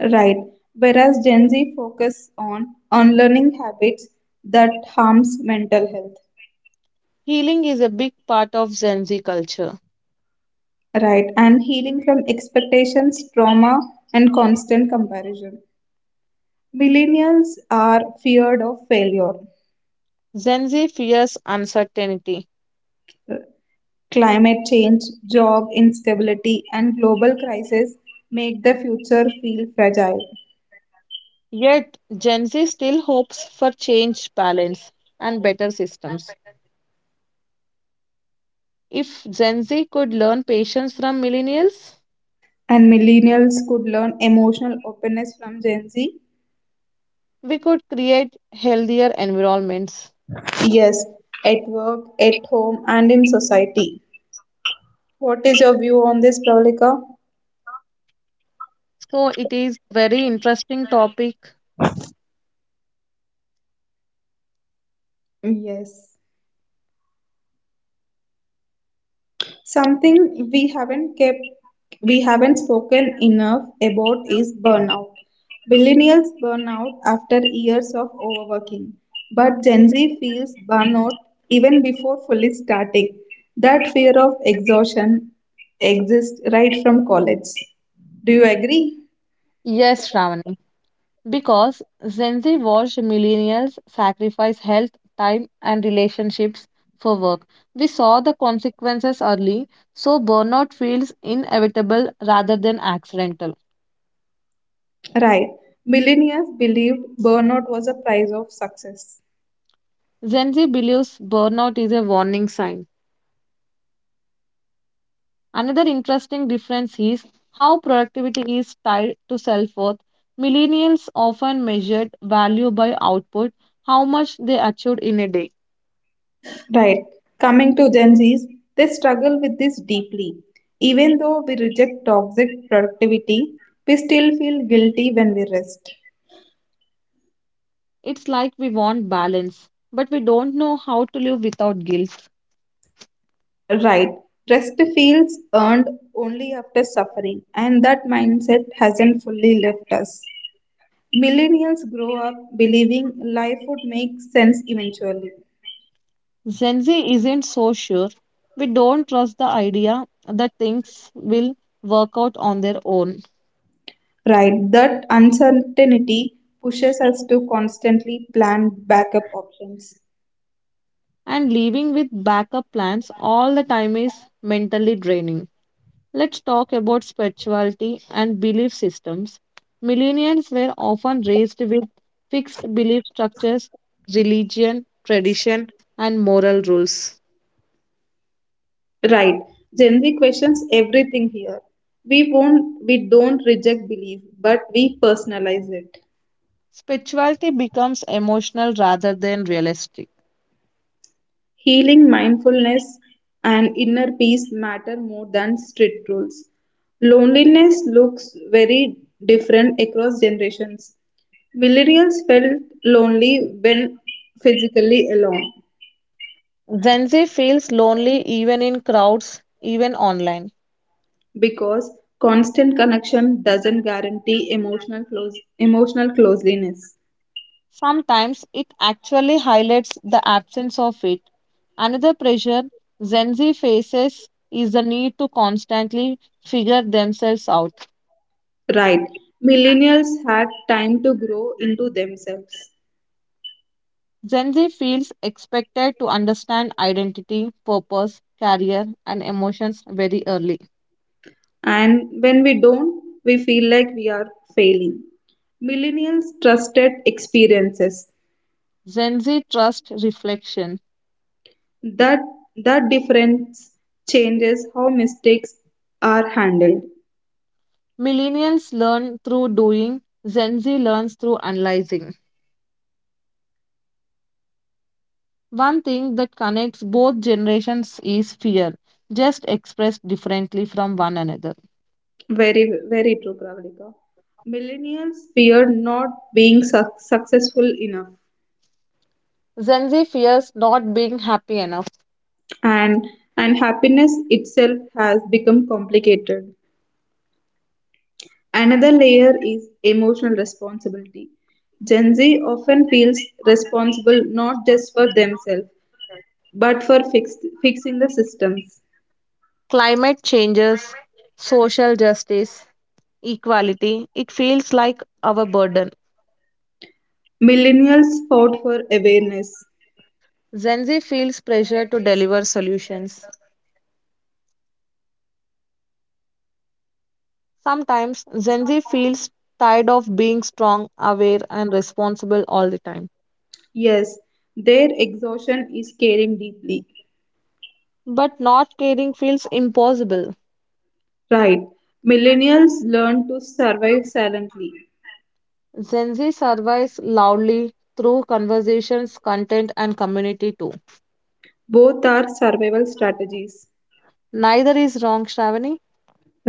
[SPEAKER 2] Right. Whereas Gen Z focus on unlearning habits that harms mental health.
[SPEAKER 1] Healing is a big part of Gen Z culture.
[SPEAKER 2] Right. And healing from expectations, trauma, and constant comparison. Millennials are feared of failure.
[SPEAKER 1] Gen Z fears uncertainty,
[SPEAKER 2] Climate change, job instability, and global crisis make the future feel fragile.
[SPEAKER 1] yet Gen Z still hopes for change, balance, and better systems. If Gen Z could learn patience from millennials,
[SPEAKER 2] And millennials could learn emotional openness from Gen Z.
[SPEAKER 1] we could create healthier environments.
[SPEAKER 2] Yes, at work, at home, and in society. What is your view on this, Pravalika?
[SPEAKER 1] So it is very interesting topic.
[SPEAKER 2] Yes. Something we haven't kept, we haven't spoken enough about is burnout. Millennials burn out after years of overworking, but Gen Z feels burnout even before fully starting. That fear of exhaustion exists right from college. Do you agree?
[SPEAKER 1] Yes, Shravani. Because Gen Z watched millennials sacrifice health, time, and relationships for work. We saw the consequences early, so burnout feels inevitable rather than accidental.
[SPEAKER 2] Right. Millennials believed burnout was a price of success.
[SPEAKER 1] Gen Z believes burnout is a warning sign. Another interesting difference is how productivity is tied to self worth. Millennials often measured value by output, how much they achieved in a day.
[SPEAKER 2] Right. Coming to Gen Zs, they struggle with this deeply. Even though we reject toxic productivity, we still feel guilty when we rest.
[SPEAKER 1] It's like we want balance, but we don't know how to live without guilt.
[SPEAKER 2] Right. Rest feels earned only after suffering, and that mindset hasn't fully left us. Millennials grow up believing life would make sense eventually.
[SPEAKER 1] Gen Z isn't so sure. We don't trust the idea that things will work out on their own.
[SPEAKER 2] Right. That uncertainty pushes us to constantly plan backup options.
[SPEAKER 1] And living with backup plans all the time is mentally draining. Let's talk about spirituality and belief systems. Millennials were often raised with fixed belief structures, religion, tradition, and moral rules.
[SPEAKER 2] Right. Gen Z questions everything here. We don't reject belief, but we personalize it.
[SPEAKER 1] Spirituality becomes emotional rather than realistic.
[SPEAKER 2] Healing, mindfulness, and inner peace matter more than strict rules. Loneliness looks very different across generations. Millennials felt lonely when physically alone,
[SPEAKER 1] Gen Z feels lonely even in crowds, even online.
[SPEAKER 2] because constant connection doesn't guarantee emotional closeness.
[SPEAKER 1] Sometimes it actually highlights the absence of it. Another pressure Gen Z faces is the need to constantly figure themselves out.
[SPEAKER 2] Right. Millennials had time to grow into themselves.
[SPEAKER 1] Gen Z feels expected to understand identity, purpose, career, and emotions very early.
[SPEAKER 2] And when we don't, we feel like we are failing. Millennials trusted experiences.
[SPEAKER 1] Gen Z trusts reflection.
[SPEAKER 2] That that difference changes how mistakes are handled.
[SPEAKER 1] Millennials learn through doing, Gen Z learns through analyzing. One thing that connects both generations is fear, just expressed differently from one another.
[SPEAKER 2] Very very true, Pravalika. Millennials fear not being successful enough,
[SPEAKER 1] Gen Z fears not being happy enough.
[SPEAKER 2] and and happiness itself has become complicated. Another layer is emotional responsibility. Gen Z often feels responsible not just for themselves but for fixing the systems.
[SPEAKER 1] Climate changes, social justice, equality, it feels like our burden.
[SPEAKER 2] Millennials fought for awareness.
[SPEAKER 1] Gen Z feels pressure to deliver solutions. Sometimes Gen Z feels tired of being strong, aware, and responsible all the time.
[SPEAKER 2] Yes, their exhaustion is caring deeply.
[SPEAKER 1] But not caring feels impossible.
[SPEAKER 2] Right. Millennials learn to survive silently.
[SPEAKER 1] Gen Z survives loudly through conversations, content, and community too.
[SPEAKER 2] Both are survival strategies.
[SPEAKER 1] Neither is wrong, Shravani.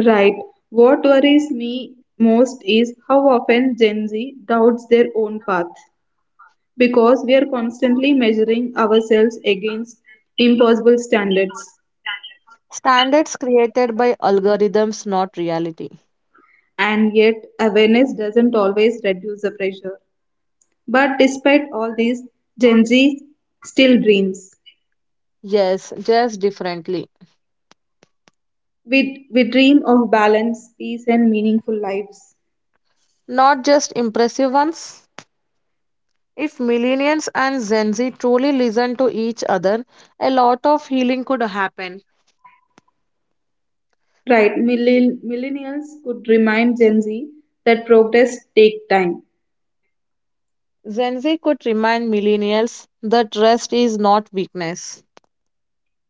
[SPEAKER 2] Right. What worries me most is how often Gen Z doubts their own path, because we are constantly measuring ourselves against impossible standards,
[SPEAKER 1] Standards created by algorithms, not reality.
[SPEAKER 2] and yet awareness doesn't always reduce the pressure. But despite all these, Gen Z still dreams.
[SPEAKER 1] Yes, just differently.
[SPEAKER 2] We dream of balance, peace and meaningful lives.
[SPEAKER 1] Not just impressive ones. If millennials and Gen Z truly listen to each other, a lot of healing could happen.
[SPEAKER 2] Right, millennials could remind Gen Z that progress takes time.
[SPEAKER 1] Gen Z could remind millennials that rest is not weakness.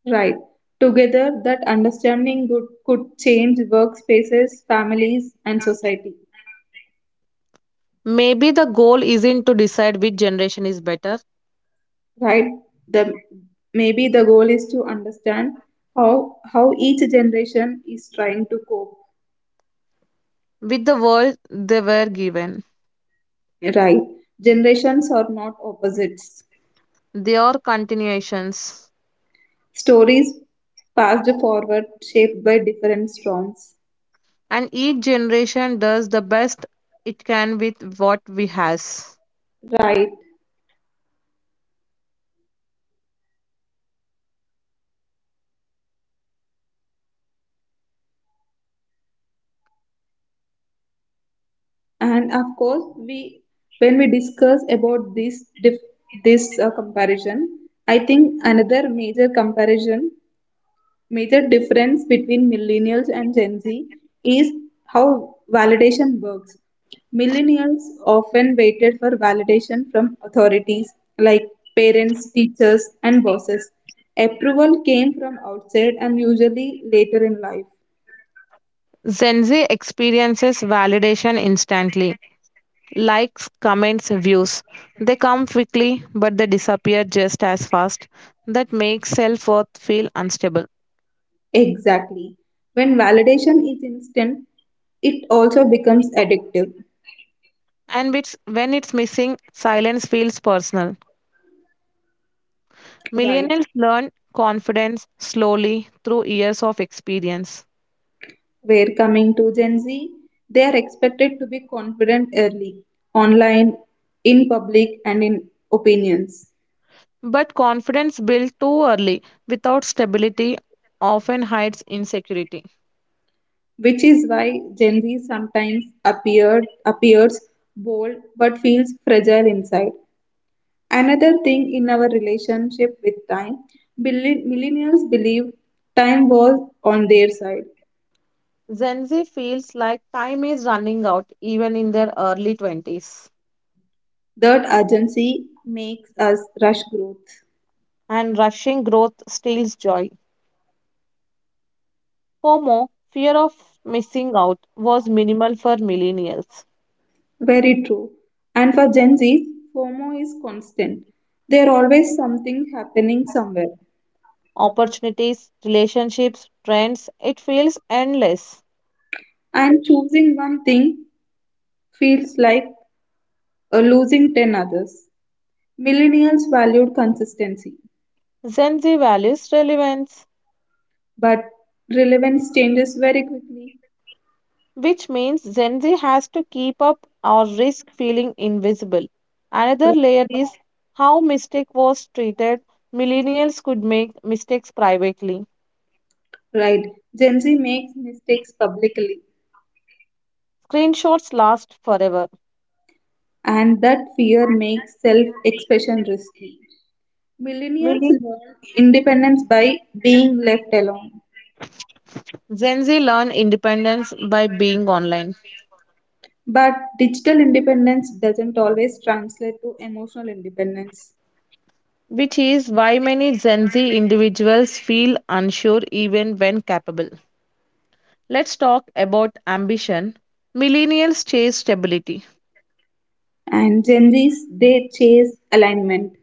[SPEAKER 2] Right, together that understanding could change workspaces, families and society.
[SPEAKER 1] Maybe the goal isn't to decide which generation is better,
[SPEAKER 2] Right. the Maybe the goal is to understand how each generation is trying to cope.
[SPEAKER 1] with the world they were given.
[SPEAKER 2] Right. Generations are not opposites,
[SPEAKER 1] They are continuations,
[SPEAKER 2] stories passed forward, shaped by different storms.
[SPEAKER 1] and each generation does the best it can with what we has.
[SPEAKER 2] Right. And of course, we, when we discuss about this comparison, I think another major difference between millennials and Gen Z is how validation works. Millennials often waited for validation from authorities like parents, teachers, and bosses. Approval came from outside and usually later in life.
[SPEAKER 1] Gen Z experiences validation instantly, likes, comments, views. They come quickly, but they disappear just as fast. That makes self worth feel unstable.
[SPEAKER 2] Exactly. When validation is instant, it also becomes addictive,
[SPEAKER 1] And it's, when it's missing, silence feels personal.
[SPEAKER 2] right?
[SPEAKER 1] Millennials learn confidence slowly through years of experience.
[SPEAKER 2] Where coming to Gen Z, they are expected to be confident early, online, in public, and in opinions,
[SPEAKER 1] But confidence built too early without stability often hides insecurity.
[SPEAKER 2] which is why Gen Z sometimes appears bold but feels fragile inside. Another thing in our relationship with time, millennials believe time was on their side.
[SPEAKER 1] Gen Z feels like time is running out even in their early 20s,
[SPEAKER 2] That urgency makes us rush growth.
[SPEAKER 1] and rushing growth steals joy. FOMO, fear of missing out, was minimal for millennials.
[SPEAKER 2] Very true. And for Gen Z, FOMO is constant. There always something happening somewhere,
[SPEAKER 1] Opportunities, relationships, trends, it feels endless.
[SPEAKER 2] and choosing one thing feels like losing 10 others. Millennials valued consistency,
[SPEAKER 1] Gen Z values relevance,
[SPEAKER 2] but relevance changes very quickly.
[SPEAKER 1] which means Gen Z has to keep up or risk feeling invisible. Another layer is how mistake was treated. Millennials could make mistakes privately.
[SPEAKER 2] Right. Gen Z makes mistakes publicly,
[SPEAKER 1] Screenshots last forever.
[SPEAKER 2] and that fear makes self expression risky. Millennials
[SPEAKER 1] Millenn-
[SPEAKER 2] learn independence by being left alone.
[SPEAKER 1] Gen Z learn independence by being online,
[SPEAKER 2] But digital independence doesn't always translate to emotional independence.
[SPEAKER 1] which is why many Gen Z individuals feel unsure even when capable. Let's talk about ambition. Millennials chase stability.
[SPEAKER 2] And Gen Zs, they chase alignment,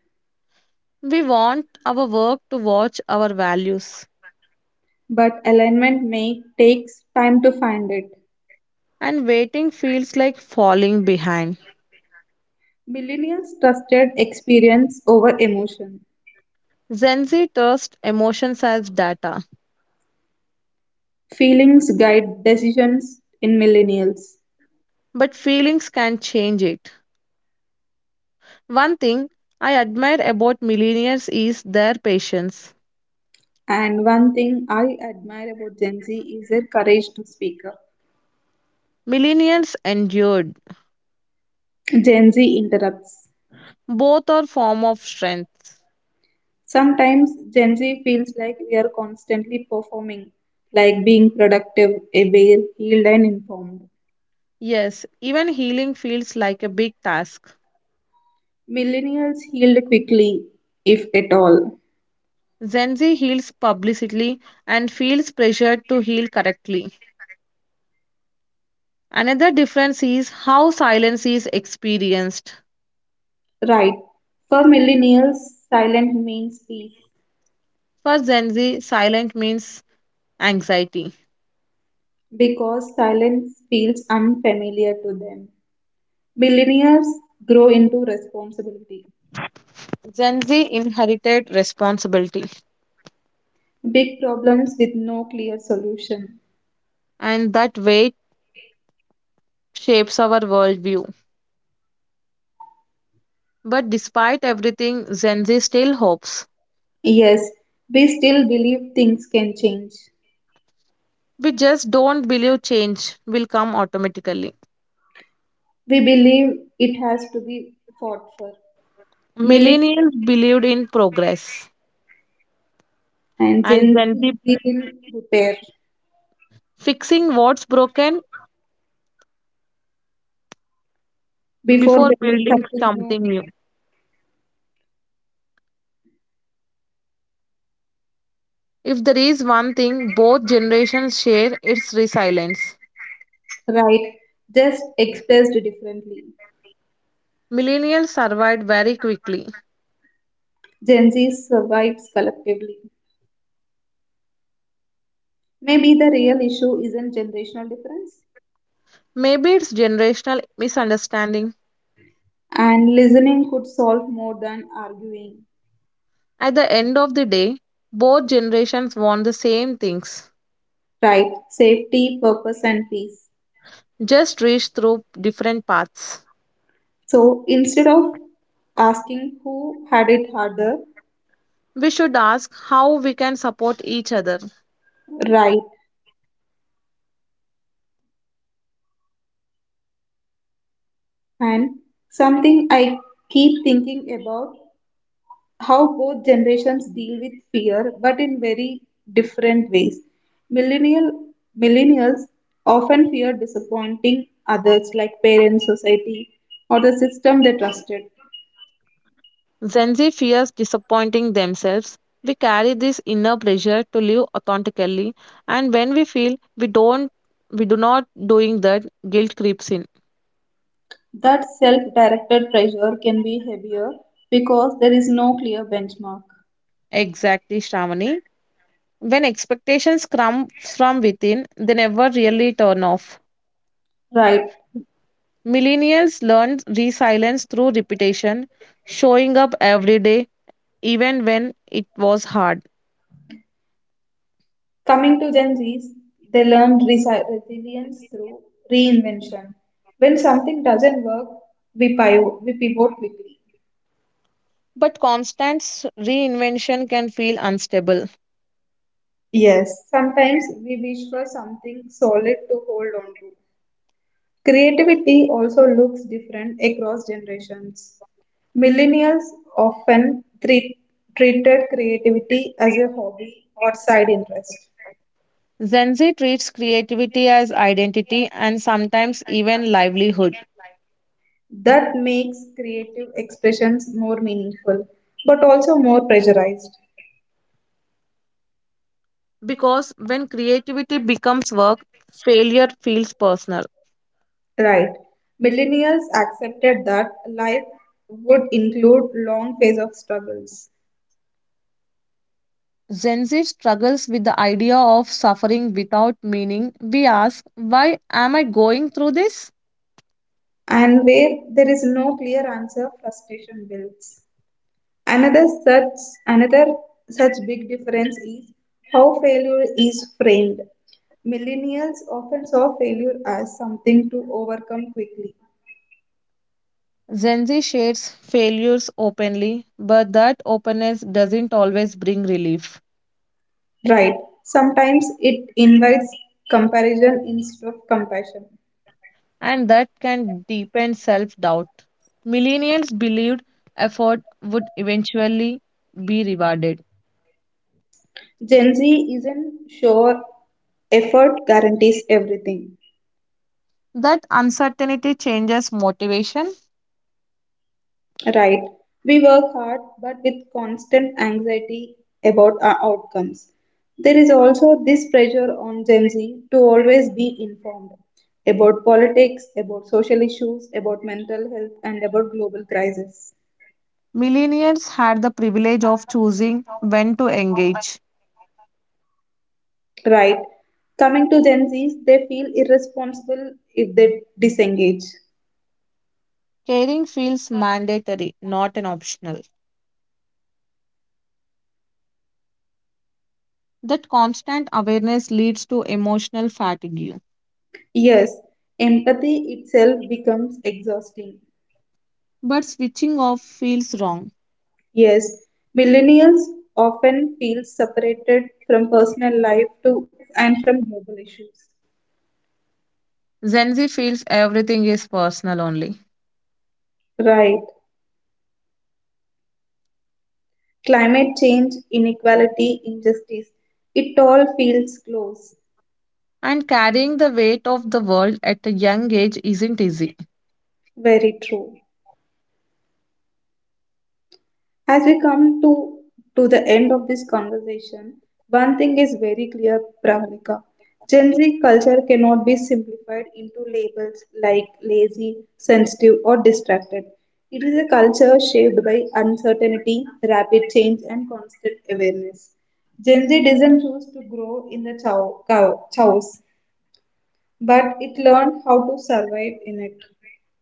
[SPEAKER 1] We want our work to watch our values.
[SPEAKER 2] but alignment may takes time to find it.
[SPEAKER 1] And waiting feels like falling behind.
[SPEAKER 2] Millennials trusted experience over emotion.
[SPEAKER 1] Gen Z trusts emotions as data,
[SPEAKER 2] Feelings guide decisions in millennials.
[SPEAKER 1] but feelings can change it. One thing I admire about millennials is their patience.
[SPEAKER 2] And one thing I admire about Gen Z is their courage to speak up.
[SPEAKER 1] Millennials endured.
[SPEAKER 2] Gen Z interrupts.
[SPEAKER 1] Both are form of strength.
[SPEAKER 2] Sometimes Gen Z feels like we are constantly performing, like being productive, aware, healed, and informed.
[SPEAKER 1] Yes, even healing feels like a big task.
[SPEAKER 2] Millennials healed quickly, if at all.
[SPEAKER 1] Gen Z heals publicly and feels pressured to heal correctly. Another difference is how silence is experienced.
[SPEAKER 2] Right. For millennials, silent means peace
[SPEAKER 1] For Gen Z, silence means anxiety.
[SPEAKER 2] because silence feels unfamiliar to them. Millennials grow into responsibility,
[SPEAKER 1] Gen Z inherited responsibility,
[SPEAKER 2] big problems with no clear solution.
[SPEAKER 1] and that weight shapes our worldview. But despite everything, Gen Z still hopes.
[SPEAKER 2] Yes, we still believe things can change.
[SPEAKER 1] We just don't believe change will come automatically.
[SPEAKER 2] We believe it has to be fought for. Millet
[SPEAKER 1] Millennials believed in progress,
[SPEAKER 2] And
[SPEAKER 1] and
[SPEAKER 2] Gen
[SPEAKER 1] Gen
[SPEAKER 2] Z
[SPEAKER 1] Z
[SPEAKER 2] believe in repair
[SPEAKER 1] fixing what's broken
[SPEAKER 2] before
[SPEAKER 1] before
[SPEAKER 2] building
[SPEAKER 1] building
[SPEAKER 2] something new,
[SPEAKER 1] something new. If there is one thing both generations share, it's resilience.
[SPEAKER 2] right? Just expressed differently.
[SPEAKER 1] Millennials survived very quickly.
[SPEAKER 2] Gen Z survives collectively. Maybe the real issue isn't generational difference,
[SPEAKER 1] Maybe it's generational misunderstanding.
[SPEAKER 2] and listening could solve more than arguing,
[SPEAKER 1] At the end of the day, both generations want the same things,
[SPEAKER 2] right? Safety, purpose, and peace.
[SPEAKER 1] just reach through different paths.
[SPEAKER 2] So instead of asking who had it harder,
[SPEAKER 1] We should ask how we can support each other.
[SPEAKER 2] right? And something I keep thinking about: how both generations deal with fear, but in very different ways. Millennial Millennials often fear disappointing others like parents, society, or the system they trusted.
[SPEAKER 1] Gen Z fears disappointing themselves. We carry this inner pressure to live authentically, and when we feel we don't, we do not doing that, guilt creeps in.
[SPEAKER 2] That self-directed pressure can be heavier because there is no clear benchmark.
[SPEAKER 1] Exactly, Shravani. When expectations come from within, they never really turn off.
[SPEAKER 2] Right.
[SPEAKER 1] Millennials learn resilience through repetition, showing up every day, even when it was hard.
[SPEAKER 2] Coming to Gen Zs, they learned resilience through reinvention. When something doesn't work, we pivot quickly.
[SPEAKER 1] But constant reinvention can feel unstable.
[SPEAKER 2] Yes, sometimes we wish for something solid to hold on to. Creativity also looks different across generations. Millennials often treated creativity as a hobby or side interest.
[SPEAKER 1] Gen Z treats creativity as identity and sometimes even livelihood.
[SPEAKER 2] That makes creative expressions more meaningful, but also more pressurized.
[SPEAKER 1] Because when creativity becomes work, failure feels personal.
[SPEAKER 2] Right. Millennials accepted that life would include long phase of struggles,
[SPEAKER 1] Gen Z struggles with the idea of suffering without meaning. We ask, why am I going through this?
[SPEAKER 2] and where there is no clear answer frustration builds. Another such big difference is how failure is framed. Millennials often saw failure as something to overcome quickly.
[SPEAKER 1] Gen Z shares failures openly, but that openness doesn't always bring relief,
[SPEAKER 2] Right. Sometimes it invites comparison instead of compassion.
[SPEAKER 1] and that can deepen self doubt. Millennials believed effort would eventually be rewarded.
[SPEAKER 2] Gen Z isn't sure effort guarantees everything.
[SPEAKER 1] That uncertainty changes motivation.
[SPEAKER 2] Right. We work hard, but with constant anxiety about our outcomes. There is also this pressure on Gen Z to always be informed about politics, about social issues, about mental health, and about global crisis.
[SPEAKER 1] Millennials had the privilege of choosing when to engage.
[SPEAKER 2] Right. Coming to Gen Zs, they feel irresponsible if they disengage.
[SPEAKER 1] Caring feels mandatory, not an optional. That constant awareness leads to emotional fatigue,
[SPEAKER 2] Yes, empathy itself becomes exhausting.
[SPEAKER 1] but switching off feels wrong.
[SPEAKER 2] Yes, millennials often feel separated from personal life too and from global issues.
[SPEAKER 1] Gen Z feels everything is personal only.
[SPEAKER 2] Right. Climate change, inequality, injustice, it all feels close.
[SPEAKER 1] And carrying the weight of the world at a young age isn't easy.
[SPEAKER 2] Very true. As we come to the end of this conversation, one thing is very clear, Pravalika. Gen Z culture cannot be simplified into labels like lazy, sensitive, or distracted. It is a culture shaped by uncertainty, rapid change, and constant awareness. Gen Z doesn't choose to grow in the chows, but it learned how to survive in it.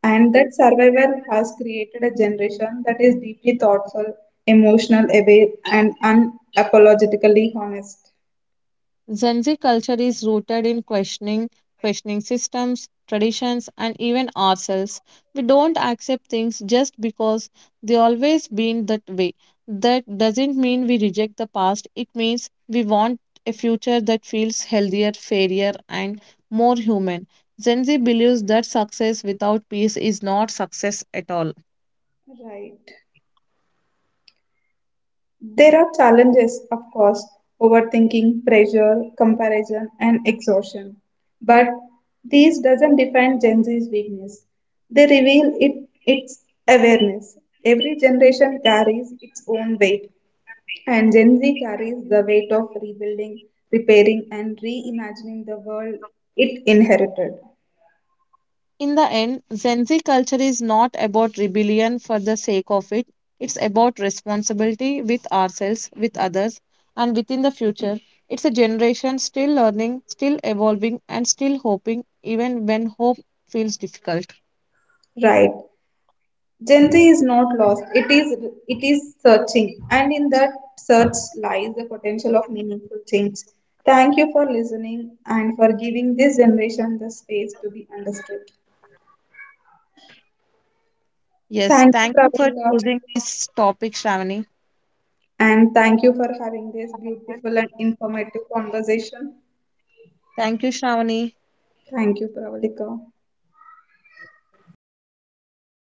[SPEAKER 2] And that survival has created a generation that is deeply thoughtful, emotional, aware, and unapologetically honest.
[SPEAKER 1] Gen Z culture is rooted in questioning, questioning systems, traditions, and even ourselves. We don't accept things just because they always been that way. That doesn't mean we reject the past. It means we want a future that feels healthier, fairer, and more human. Gen Z believes that success without peace is not success at all.
[SPEAKER 2] Right. There are challenges, of course, overthinking, pressure, comparison, and exhaustion. But these doesn't define Gen Z's weakness. They reveal it its awareness. Every generation carries its own weight, and Gen Z carries the weight of rebuilding, repairing, and reimagining the world it inherited.
[SPEAKER 1] In the end, Gen Z culture is not about rebellion for the sake of it. It's about responsibility with ourselves, with others, and within the future. It's a generation still learning, still evolving, and still hoping, even when hope feels difficult.
[SPEAKER 2] Right. Gen Z is not lost. It is searching, and in that search lies the potential of meaningful change. Thank you for listening and for giving this generation the space to be understood.
[SPEAKER 1] Yes,
[SPEAKER 2] Thank you,
[SPEAKER 1] thank you for
[SPEAKER 2] Pravalika,
[SPEAKER 1] choosing this topic, Shravani.
[SPEAKER 2] and thank you for having this beautiful and informative conversation.
[SPEAKER 1] Thank you, Shravani.
[SPEAKER 2] Thank you, Pravalika.